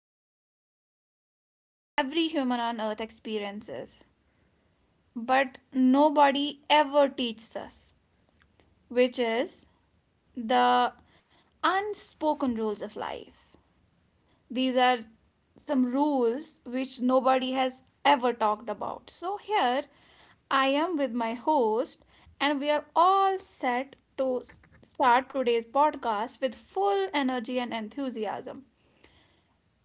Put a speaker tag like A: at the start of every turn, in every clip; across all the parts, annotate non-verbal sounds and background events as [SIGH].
A: episode is one that every human on earth experiences, but nobody ever teaches us, which is the unspoken rules of life. These are some rules which nobody has ever talked about. So, here I am with my host, and we are all set to start today's podcast with full energy and enthusiasm.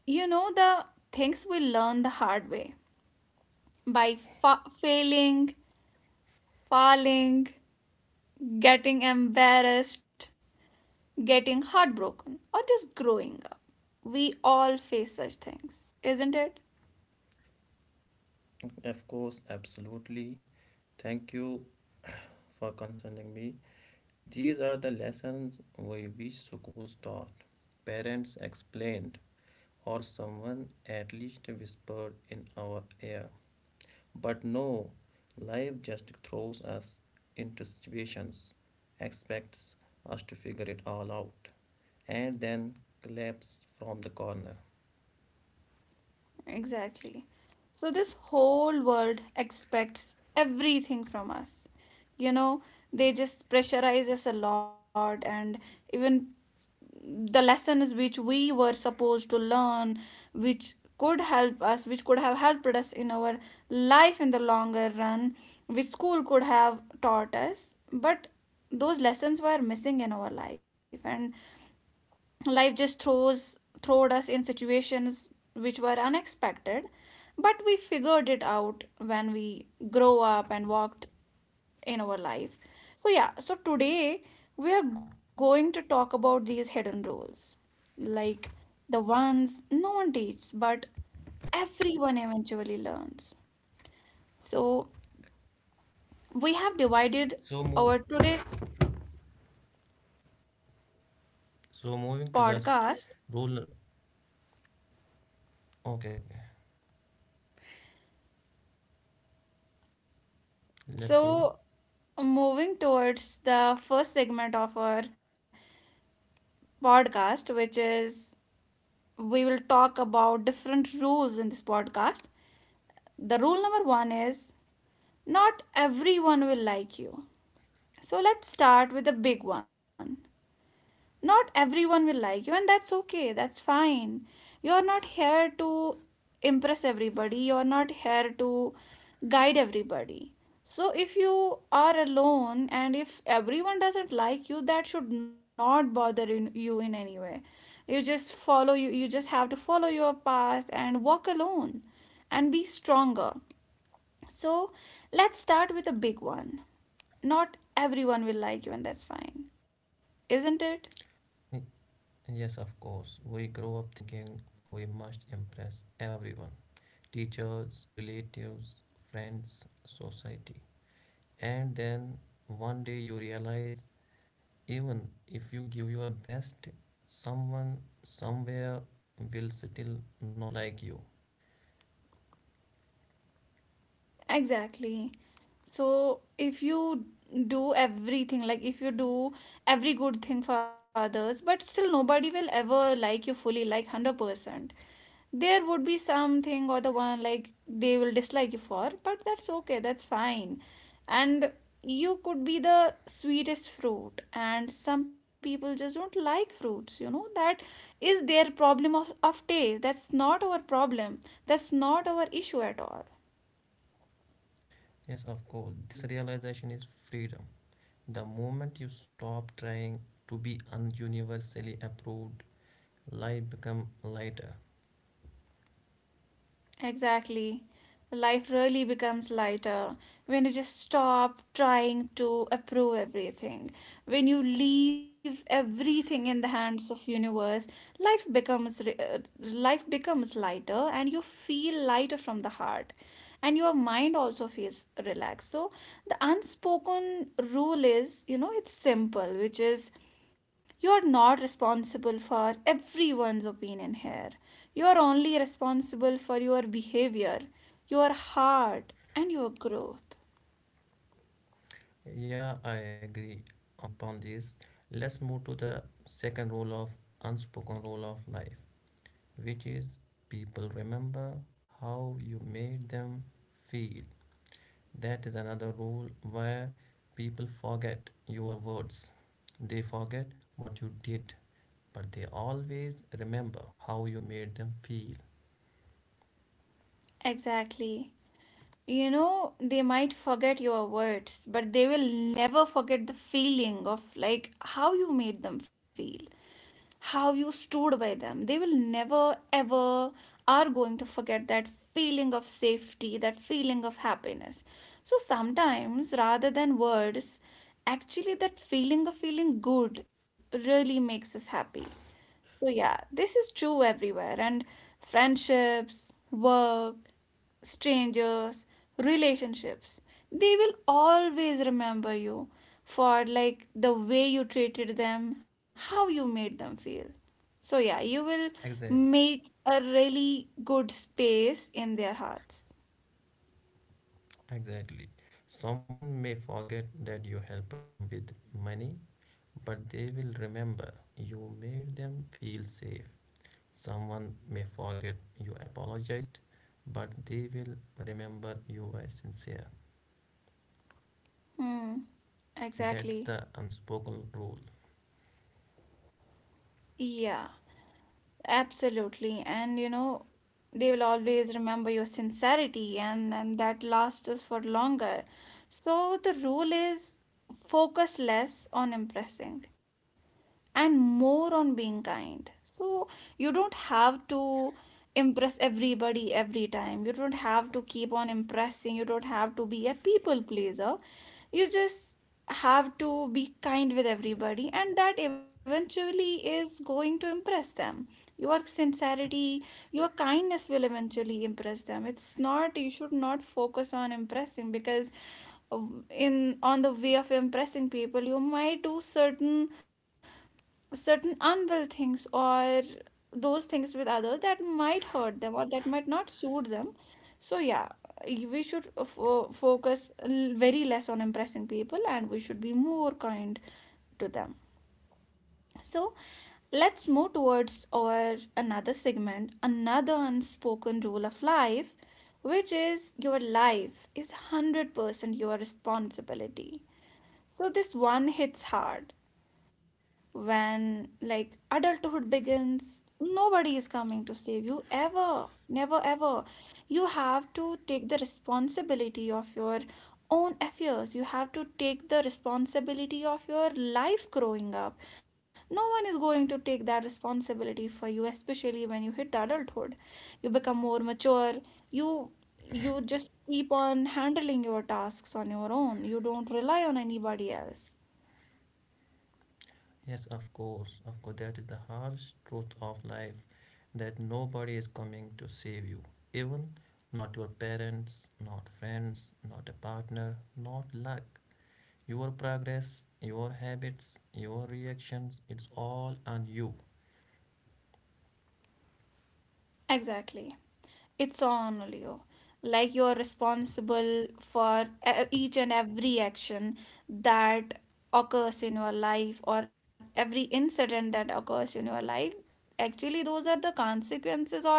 A: You know, the things we learn the hard way by failing, falling, getting embarrassed, getting heartbroken, or just growing up. We all face such things, isn't it?
B: Of course, absolutely. Thank you for concerning me. These are the lessons we wish schools taught, parents explained, or someone at least whispered in our ear. But no, life just throws us into situations, expects us to figure it all out, and then collapse from the corner.
A: Exactly. So this whole world expects everything from us. You know, they just pressurize us a lot and even the lessons which we were supposed to learn, which could help us, which could have helped us in our life in the longer run, which school could have taught us, but those lessons were missing in our life, and life just throws throwed us in situations which were unexpected, but we figured it out when we grow up and walked in our life. So yeah, so today we are going to talk about these hidden roles, like the ones no one teaches but everyone eventually learns. So we have divided
B: So, mo-
A: our today's
B: so moving to the
A: podcast.
B: s- rule. Okay, okay. Let's go.
A: So, moving towards the first segment of our podcast, which is we will talk about different rules in this podcast. The rule number one is not everyone will like you. So, let's start with the big one, not everyone will like you, and that's okay, that's fine. You're not here to impress everybody, you're not here to guide everybody. So if you are alone and if everyone doesn't like you, that should not bother in, you in any way. You just follow you you just have to follow your path and walk alone and be stronger. So let's start with a big one, not everyone will like you and that's fine, isn't it?
B: Yes, of course. We grow up thinking we must impress everyone, teachers, relatives, friends, society. And then one day you realize, even if you give your best, someone somewhere will still not like you.
A: Exactly. So if you do everything, like if you do every good thing for others, but still nobody will ever like you fully, like 100%. There would be something or the one like they will dislike you for, but that's okay, that's fine. And you could be the sweetest fruit, and some people just don't like fruits, you know. That is their problem of taste. That's not our problem. That's not our issue at all.
B: Yes, of course. This realization is freedom. The moment you stop trying to be ununiversally approved, life become lighter.
A: Exactly. Life really becomes lighter when you just stop trying to approve everything. When you leave everything in the hands of universe, life becomes life becomes lighter and you feel lighter from the heart. And your mind also feels relaxed. So the unspoken rule is, you know, it's simple, which is you're not responsible for everyone's opinion here. You're only responsible for your behavior, your heart, and your growth.
B: Yeah, I agree on upon this. Let's move to the second rule of unspoken rule of life, which is people remember how you made them feel. That is another rule where people forget your words. They forget what you did, but they always remember how you made them feel.
A: Exactly. You know, they might forget your words, but they will never forget the feeling of like how you made them feel, how you stood by them. They will never ever are going to forget that feeling of safety, that feeling of happiness. So sometimes rather than words, actually that feeling of feeling good really makes us happy. So, yeah, this is true everywhere, and friendships, work, strangers, relationships, they will always remember you for like the way you treated them, how you made them feel. So, yeah, you will
B: Exact,
A: make a really good space in their hearts.
B: exactly. Someone may forget that you helped them with money, but they will remember you made them feel safe. Someone may forget you apologized, but they will remember you were sincere.
A: Hmm,
B: That's
A: exactly.
B: the unspoken rule.
A: Yeah. Absolutely. And you know, they will always remember your sincerity, and that lasts us for longer. So the rule is focus less on impressing and more on being kind. So you don't have to impress everybody every time. You don't have to keep on impressing. You don't have to be a people pleaser. You just have to be kind with everybody, and that eventually is going to impress them. Your sincerity, your kindness will eventually impress them. It's not, you should not focus on impressing because in on the way of impressing people you might do certain unwell things or those things with others that might hurt them or that might not suit them. So, yeah, we should focus very less on impressing people, and we should be more kind to them. So, let's move towards our another segment, another unspoken rule of life, which is your life is 100% your responsibility. So, this one hits hard when like adulthood begins, nobody is coming to save you ever, never ever. You have to take the responsibility of your own affairs, you have to take the responsibility of your life growing up. No one is going to take that responsibility for you, especially when you hit adulthood. You become more mature. you you just keep on handling your tasks on your own, you don't rely on anybody else.
B: Yes, of course, that is the harsh truth of life that nobody is coming to save you. Even not your parents, not friends, not a partner, not luck. Your progress, your habits, your reactions, it's all on you.
A: Exactly. It's on Leo. Like you're responsible for each and every action that occurs in your life or every incident that occurs in your life. Actually those are the consequences or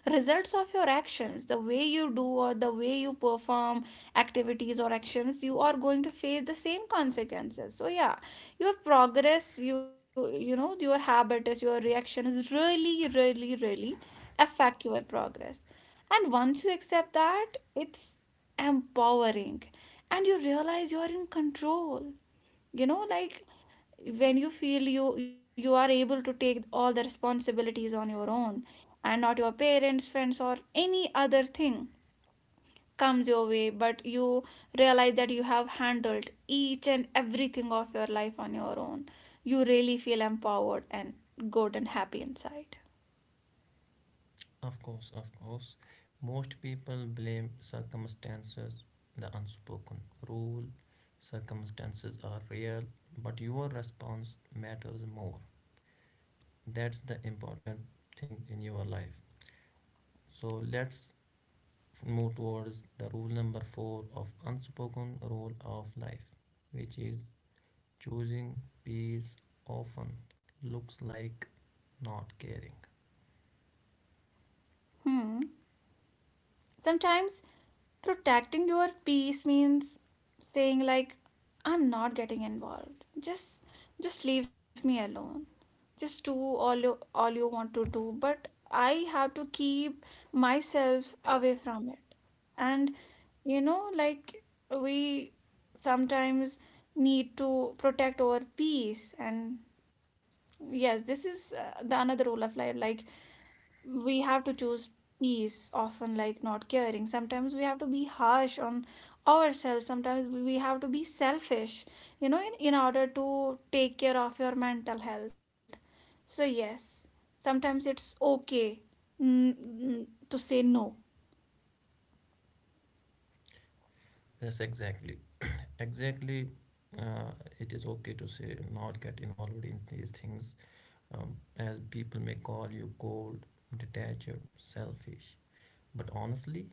A: results of your actions. The way you do or the way you perform activities or actions, you are going to face the same consequences. So yeah, your progress, you know, your habit is, your reaction is really really really affect your progress. And once you accept that, it's empowering, and you realize you are in control. You know, like when you feel you are able to take all the responsibilities on your own and not your parents, friends, or any other thing comes your way, but you realize that you have handled each and everything of your life on your own, you really feel empowered and good and happy inside.
B: Of course, of course. Most people blame circumstances, the unspoken rule. Circumstances are real, but your response matters more. That's the important thing in your life. So let's move towards the rule number four of unspoken rule of life, which is choosing peace often looks like not caring.
A: Hmm, sometimes protecting your peace means saying like, I'm not getting involved, just leave me alone, just do all you want to do, but I have to keep myself away from it. And you know, like we sometimes need to protect our peace. And yes, this is the another rule of life, like we have to choose peace often like not caring. Sometimes we have to be harsh on ourselves, sometimes we have to be selfish, you know, in order to take care of your mental health. So yes, sometimes it's okay, to say no.
B: Yes, exactly. Exactly, uh, it is okay to say not get involved in these things, as people may call you cold, detached, selfish. But honestly,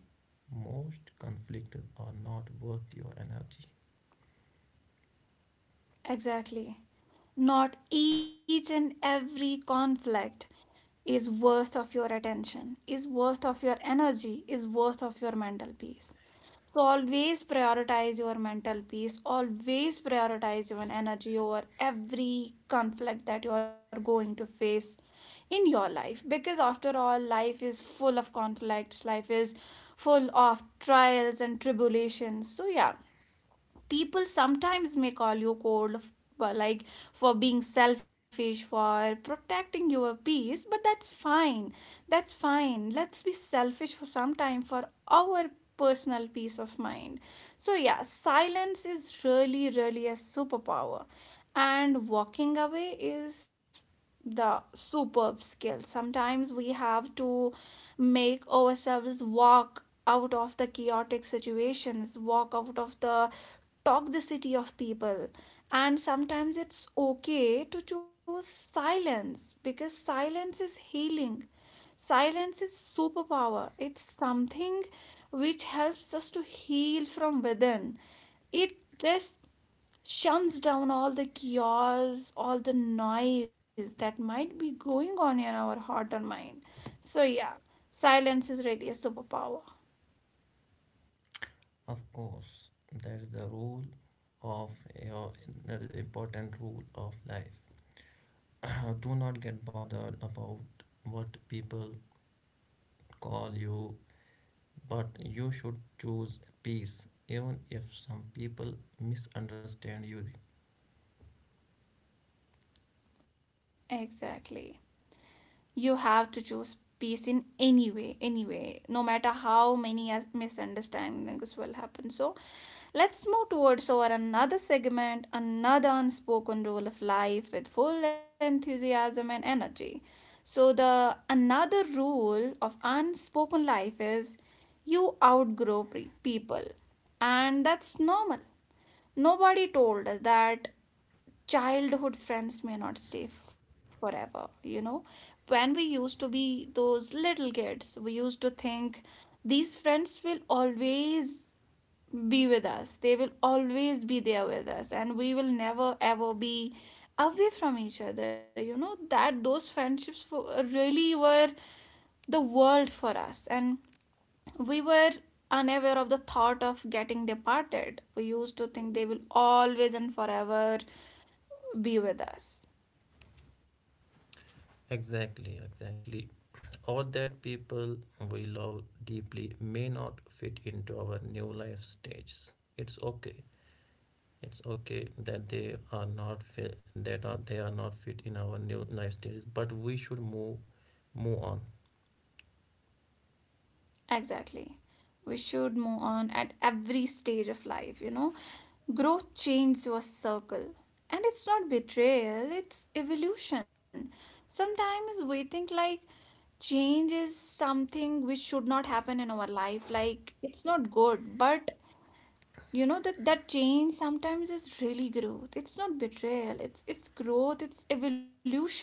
B: most conflicts are not worth your energy.
A: Exactly, not each and every conflict is worth of your attention, is worth of your energy, is worth of your mental peace. So always prioritize your mental peace, always prioritize your energy over every conflict that you are going to face in your life, because after all life is full of conflicts, life is full of trials and tribulations. So yeah, people sometimes may call you cold like for being selfish for protecting your peace, but that's fine, that's fine. Let's be selfish for some time for our personal peace of mind. So yeah, silence is really really a superpower, and walking away is the superb skill. Sometimes we have to make ourselves walk out of the chaotic situations, walk out of the toxicity of people. And sometimes it's okay to choose silence, because silence is healing. Silence is superpower. It's something which helps us to heal from within. It just shuns down all the chaos, all the noise that might be going on in our heart and mind. So, yeah, silence is really a superpower.
B: Of course, that is the rule of your, that is the important rule of life. [COUGHS] [CLEARS THROAT] Do not get bothered about what people call you. But you should choose peace, even if some people misunderstand you.
A: Exactly. You have to choose peace in any way anyway, no matter how many misunderstandings will happen. So let's move towards our another segment, another unspoken rule of life with full enthusiasm and energy. So the another rule of unspoken life is you outgrow people, and that's normal. Nobody told us that childhood friends may not stay forever. You know, when we used to be those little kids, we used to think these friends will always be with us, they will always be there with us and we will never ever be away from each other. You know, that those friendships really were the world for us, and we were unaware of the thought of getting departed. We used to think they will always and forever be with us.
B: Exactly, exactly. All that people we love deeply may not fit into our new life stages. It's okay. It's okay that they are not fit, that are they are not fit in our new life stages. But we should move on.
A: Exactly. We should move on at every stage of life, you know. Growth changes your circle. And it's not betrayal, it's evolution. Sometimes we think like change is something which should not happen in our life, like it's not good, but you know that change sometimes is really growth. It's not betrayal, it's growth, it's evolution.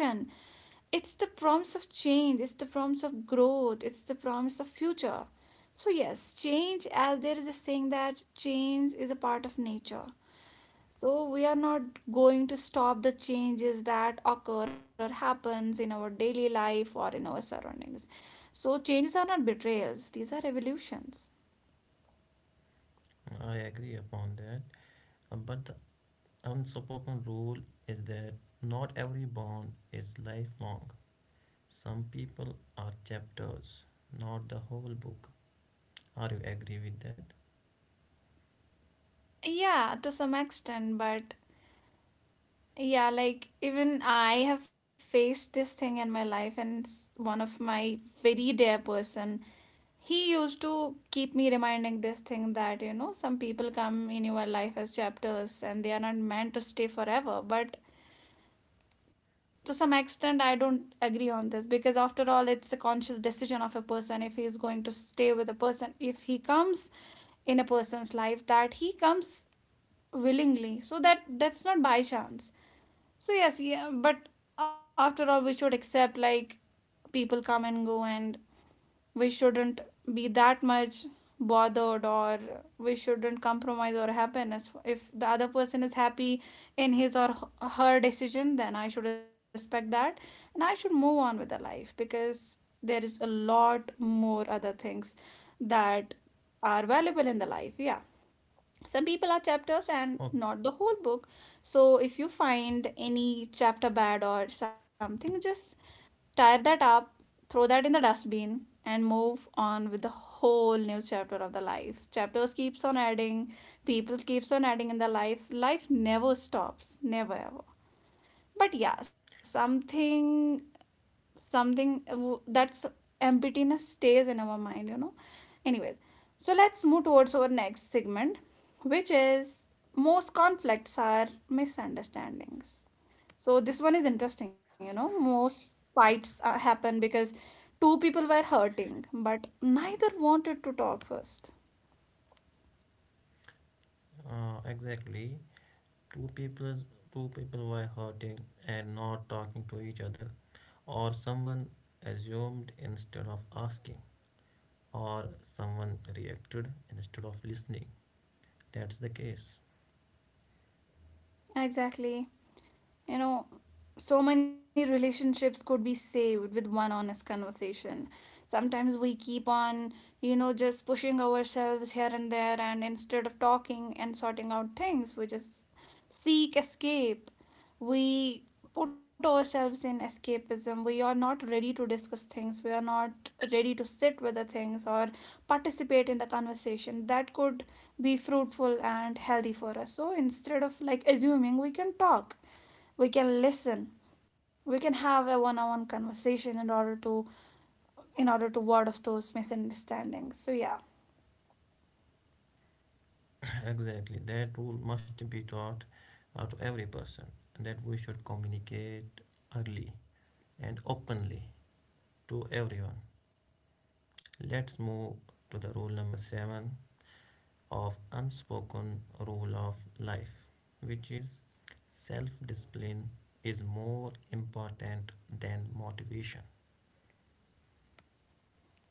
A: It's the promise of change, it's the promise of growth, it's the promise of future. So yes, change, as there is a saying that change is a part of nature, so we are not going to stop the changes that occur or happens in our daily life or in our surroundings. So changes are not betrayals, these are evolutions.
B: I agree upon that. But the unspoken rule is that not every bond is lifelong. Some people are chapters, not the whole book. Are you agree with that?
A: Yeah, to some extent, but yeah, like even I have faced this thing in my life, and one of my very dear person, he used to keep me reminding this thing that, you know, some people come in your life as chapters and they are not meant to stay forever. But to some extent, I don't agree on this because after all, it's a conscious decision of a person if he is going to stay with a person. If he comes in a person's life, that he comes willingly, so that's not by chance. So yes, yeah, but after all, we should accept like people come and go, and we shouldn't be that much bothered, or we shouldn't compromise our happiness. If the other person is happy in his or her decision, then I should respect that, and I should move on with the life because there is a lot more other things that are valuable in the life. Yeah, some people are chapters and
B: Oh,
A: not the whole book. So if you find any chapter bad or something, just tear that up, throw that in the dustbin, and move on with the whole new chapter of the life. Chapters keeps on adding, people keeps on adding in the life. Life never stops, never ever. But yeah, something that's emptiness stays in our mind, you know. Anyways, so let's move towards our next segment, which is most conflicts are misunderstandings. So this one is interesting, you know, most fights happen because two people were hurting but neither wanted to talk first.
B: exactly. Two people, two people were hurting and not talking to each other, or someone assumed instead of asking, or someone reacted instead of listening. That's the case.
A: Exactly. You know, so many relationships could be saved with one honest conversation. Sometimes we keep on, you know, just pushing ourselves here and there, and instead of talking and sorting out things, we just seek escape. We put ourselves in escapism. We are not ready to discuss things. We are not ready to sit with the things or participate in the conversation that could be fruitful and healthy for us. So instead of like assuming, we can talk, we can listen, we can have a one-on-one conversation in order to ward off those misunderstandings. So yeah,
B: [COUGHS] [CLEARS THROAT] exactly. That rule must be taught to every person and that we should communicate early and openly to everyone. Let's move to the rule number seven of unspoken rule of life, which is self discipline is more important than motivation.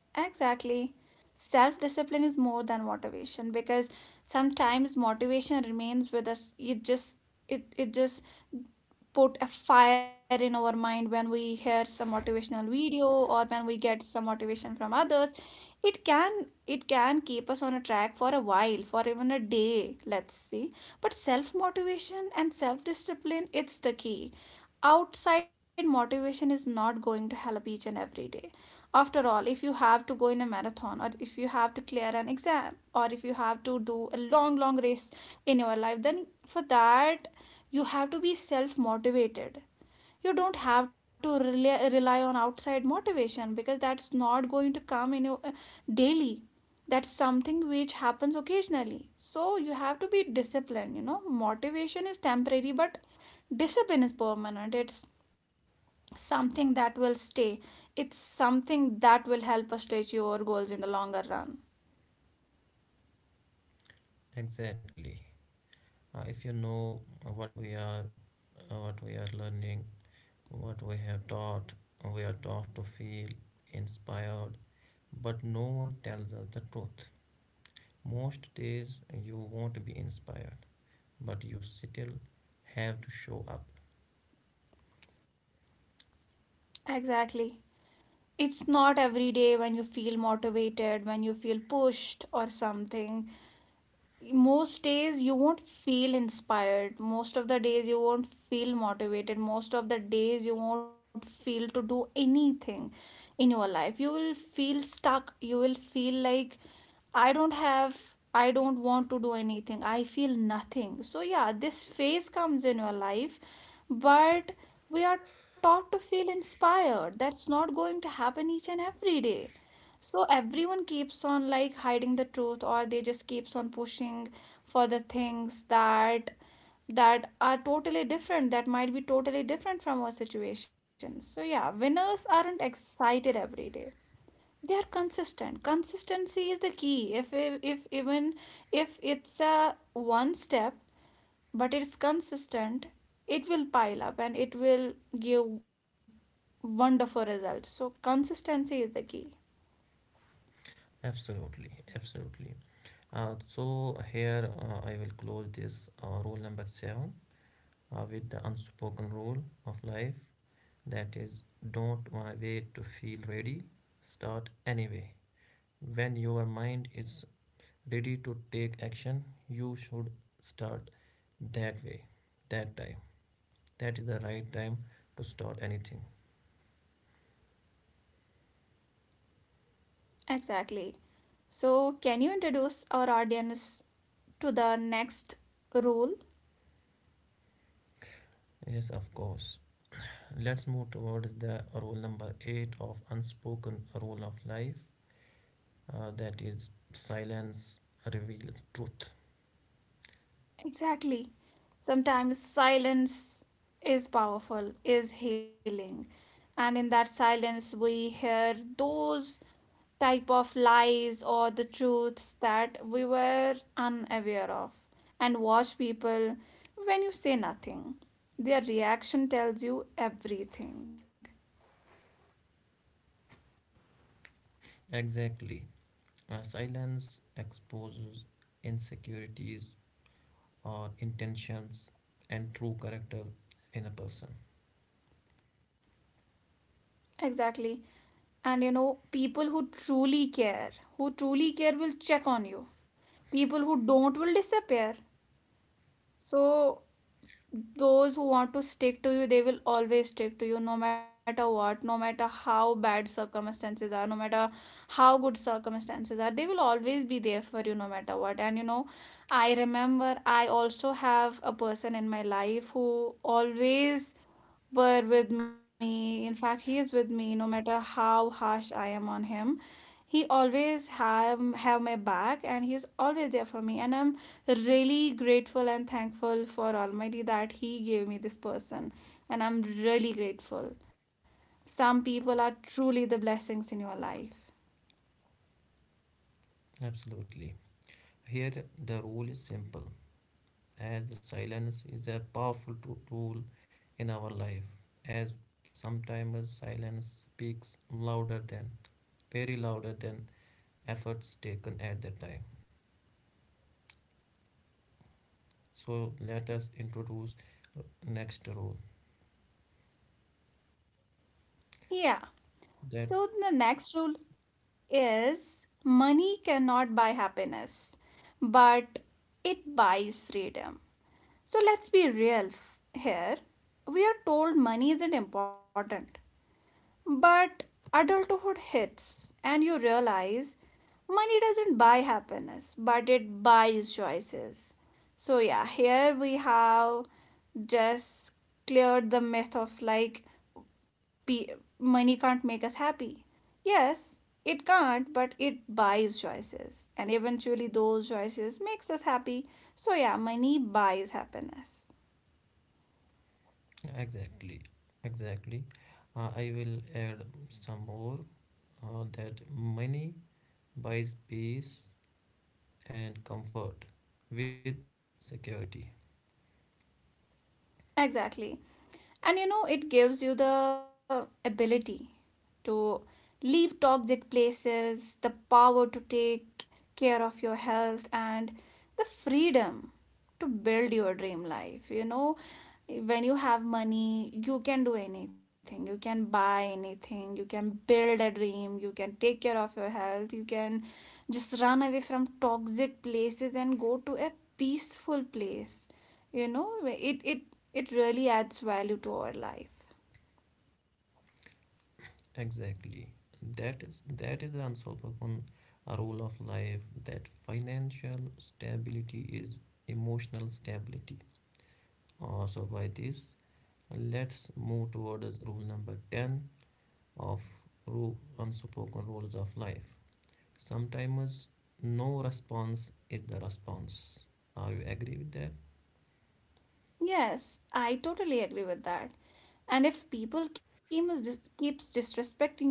A: exactly, self-discipline is more than motivation because sometimes motivation remains with us. It just it just put a fire in our mind when we hear some motivational video or when we get some motivation from others. It can it can keep us on a track for a while, for even a day, let's see. But self motivation and self discipline, it's the key. Outside motivation is not going to help each and every day. After all, if you have to go in a marathon, or if you have to clear an exam, or if you have to do a long long race in your life, then for that you have to be self motivated. You don't have to rely on outside motivation because that's not going to come in your daily. That's something which happens occasionally. So you have to be disciplined. You know, motivation is temporary, but discipline is permanent. It's something that will stay, it's something that will help us to achieve our goals in the longer run.
B: Exactly. If you know uh, what we are, what we are learning, what we have taught, we are taught to feel inspired, but no one tells us the truth. Most days you won't be inspired, but you still have to show up.
A: Exactly, it's not every day when you feel motivated, when you feel pushed or something. Most days you won't feel inspired, most of the days you won't feel motivated, most of the days you won't feel to do anything in your life. You will feel stuck, you will feel like I don't have, I don't want to do anything, I feel nothing. So yeah, this phase comes in your life. But we are taught to feel inspired. That's not going to happen each and every day. So everyone keeps on like hiding the truth, or they just keeps on pushing for the things that that are totally different, that might be totally different from our situation. So yeah, winners aren't excited every day. They are consistent. Consistency is the key. If even if it's a one step but it's consistent, it will pile up and it will give wonderful results. So consistency is the key.
B: Absolutely, absolutely. So here I will close this rule number seven with the unspoken rule of life, that is, don't wa- wait to feel ready, start anyway. When your mind is ready to take action, you should start that way, that time. That is the right time to start anything.
A: Exactly. So, can you introduce our audience to the next rule?
B: Yes, of course. Let's move towards the rule number eight of unspoken rule of life, that is silence reveals truth.
A: Exactly. Sometimes silence is powerful, is healing. And in that silence, we hear those type of lies or the truths that we were unaware of. And watch people when you say nothing. Their reaction tells you everything.
B: Exactly. Silence exposes insecurities or intentions and true character in a person.
A: Exactly. And you know, people who truly care will check on you. People who don't will disappear. So, those who want to stick to you, they will always stick to you no matter what, no matter how bad circumstances are, no matter how good circumstances are, they will always be there for you no matter what. And you know, I remember I also have a person in my life who always were with me. In fact, he is with me no matter how harsh I am on him. He always have my back and he is always there for me, and I'm really grateful and thankful for Almighty that he gave me this person, and I'm really grateful. Some people are truly the blessings in your life.
B: Absolutely. Here the rule is simple, as the silence is a powerful tool in our life, as sometimes silence speaks louder than, very louder than efforts taken at that time. So let us introduce next rule
A: Yeah. So
B: that.
A: the next rule is money cannot buy happiness, but it buys freedom. So let's be real here. We are told money isn't important, but adulthood hits and you realize money doesn't buy happiness, but it buys choices. So, yeah, here we have just cleared the myth of like money can't make us happy. Yes, it can't, but it buys choices, and eventually those choices makes us happy. So yeah, money buys happiness.
B: Exactly, exactly. I will add some more, that money buys peace and comfort with security.
A: Exactly. And you know, it gives you the ability to leave toxic places, the power to take care of your health, and the freedom to build your dream life. You know, when you have money, you can do anything. You can buy anything. You can build a dream. You can take care of your health. You can just run away from toxic places and go to a peaceful place. You know, it it really adds value to our life.
B: Exactly. That is the unspoken rule of life, that financial stability is emotional stability. So by this, let's move towards rule number 10 of unspoken rules of life. Sometimes no response is the response. Are you agree with that?
A: Yes, I totally agree with that. And if people keep, keeps disrespecting you,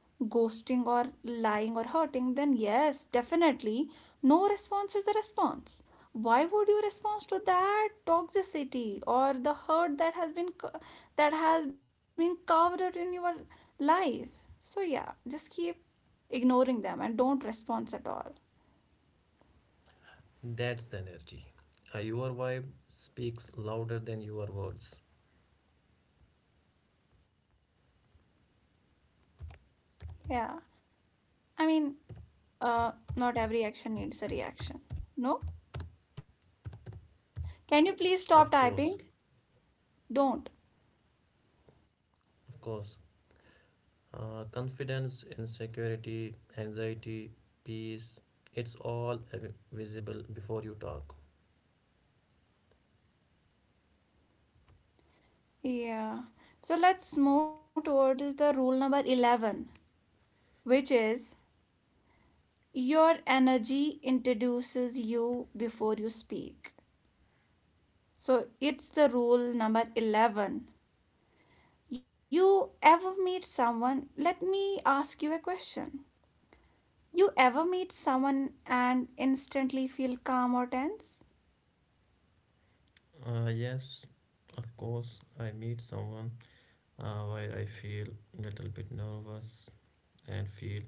A: ghosting or lying or hurting, then yes, definitely no response is a response. Why would you respond to that toxicity or the hurt that has been that has been carved out in your life. So yeah, just keep ignoring them and don't respond at all.
B: That's the energy. Your vibe speaks louder than your words.
A: Yeah, I mean, not every action needs a reaction. No? Can you please stop
B: Of course,
A: typing? Don't.
B: of course. Confidence, insecurity, anxiety, peace, it's all visible before you talk.
A: Yeah. So let's move towards the rule number 11, which is your energy introduces you before you speak. So it's the rule number 11. You ever meet someone? Let me ask you a question. You ever meet someone and instantly feel calm or tense?
B: Yes, of course. I meet someone while I feel little bit nervous and feel,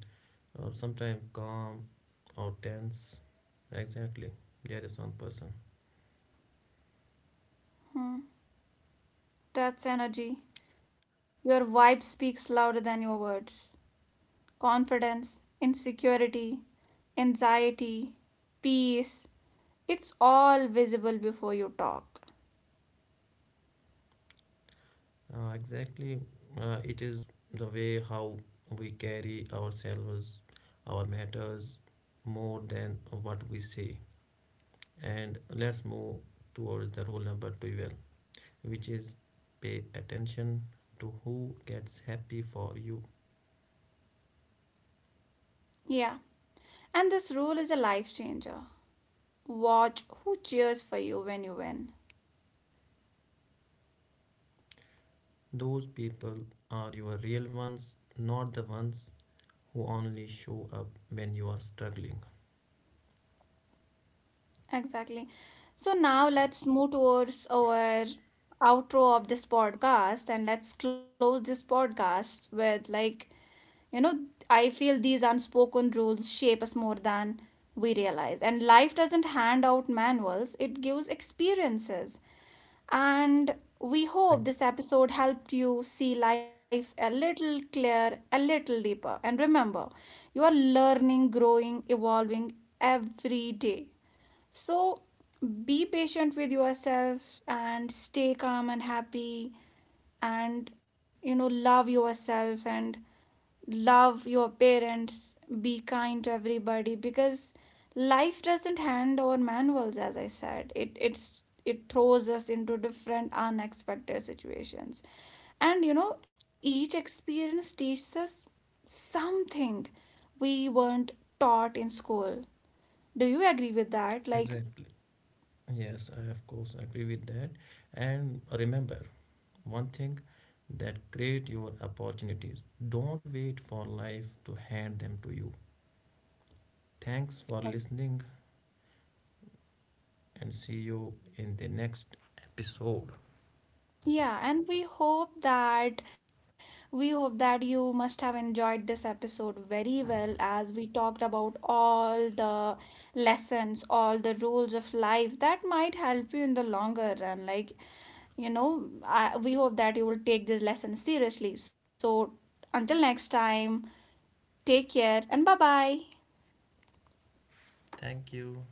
B: or sometimes calm or tense. Exactly, there is one person.
A: Hmm, that's energy. Your vibe speaks louder than your words. Confidence, insecurity, anxiety, peace, it's all visible before you talk.
B: Exactly, it is the way how we carry ourselves, our matters more than what we say. And let's move towards the rule number 12, which is pay attention to who gets happy for you.
A: Yeah, and this rule is a life changer. Watch who cheers for you when you win.
B: Those people are your real ones, not the ones who only show up when you are struggling.
A: Exactly. So now let's move towards our outro of this podcast and let's close this podcast with, like, you know, I feel these unspoken rules shape us more than we realize, and life doesn't hand out manuals, it gives experiences. And we
B: Ex-
A: hope this episode helped you see life a little clearer, a little deeper. And remember, you are learning, growing, evolving every day. So be patient with yourself and stay calm and happy, and you know, love yourself and love your parents, be kind to everybody because life doesn't hand over manuals as I said. It throws us into different unexpected situations. And you know, each experience teaches us something we weren't taught in school. Do you agree with that? Like,
B: Exactly. Yes, I of course agree with that. And remember one thing, that create your opportunities. Don't wait for life to hand them to you. Thanks for listening and see you in the next episode.
A: yeah, and we hope that you must have enjoyed this episode very well as we talked about all the lessons, all the rules of life that might help you in the longer run. Like, you know, we hope that you will take this lesson seriously. So, until next time, take care and bye bye.
B: Thank you.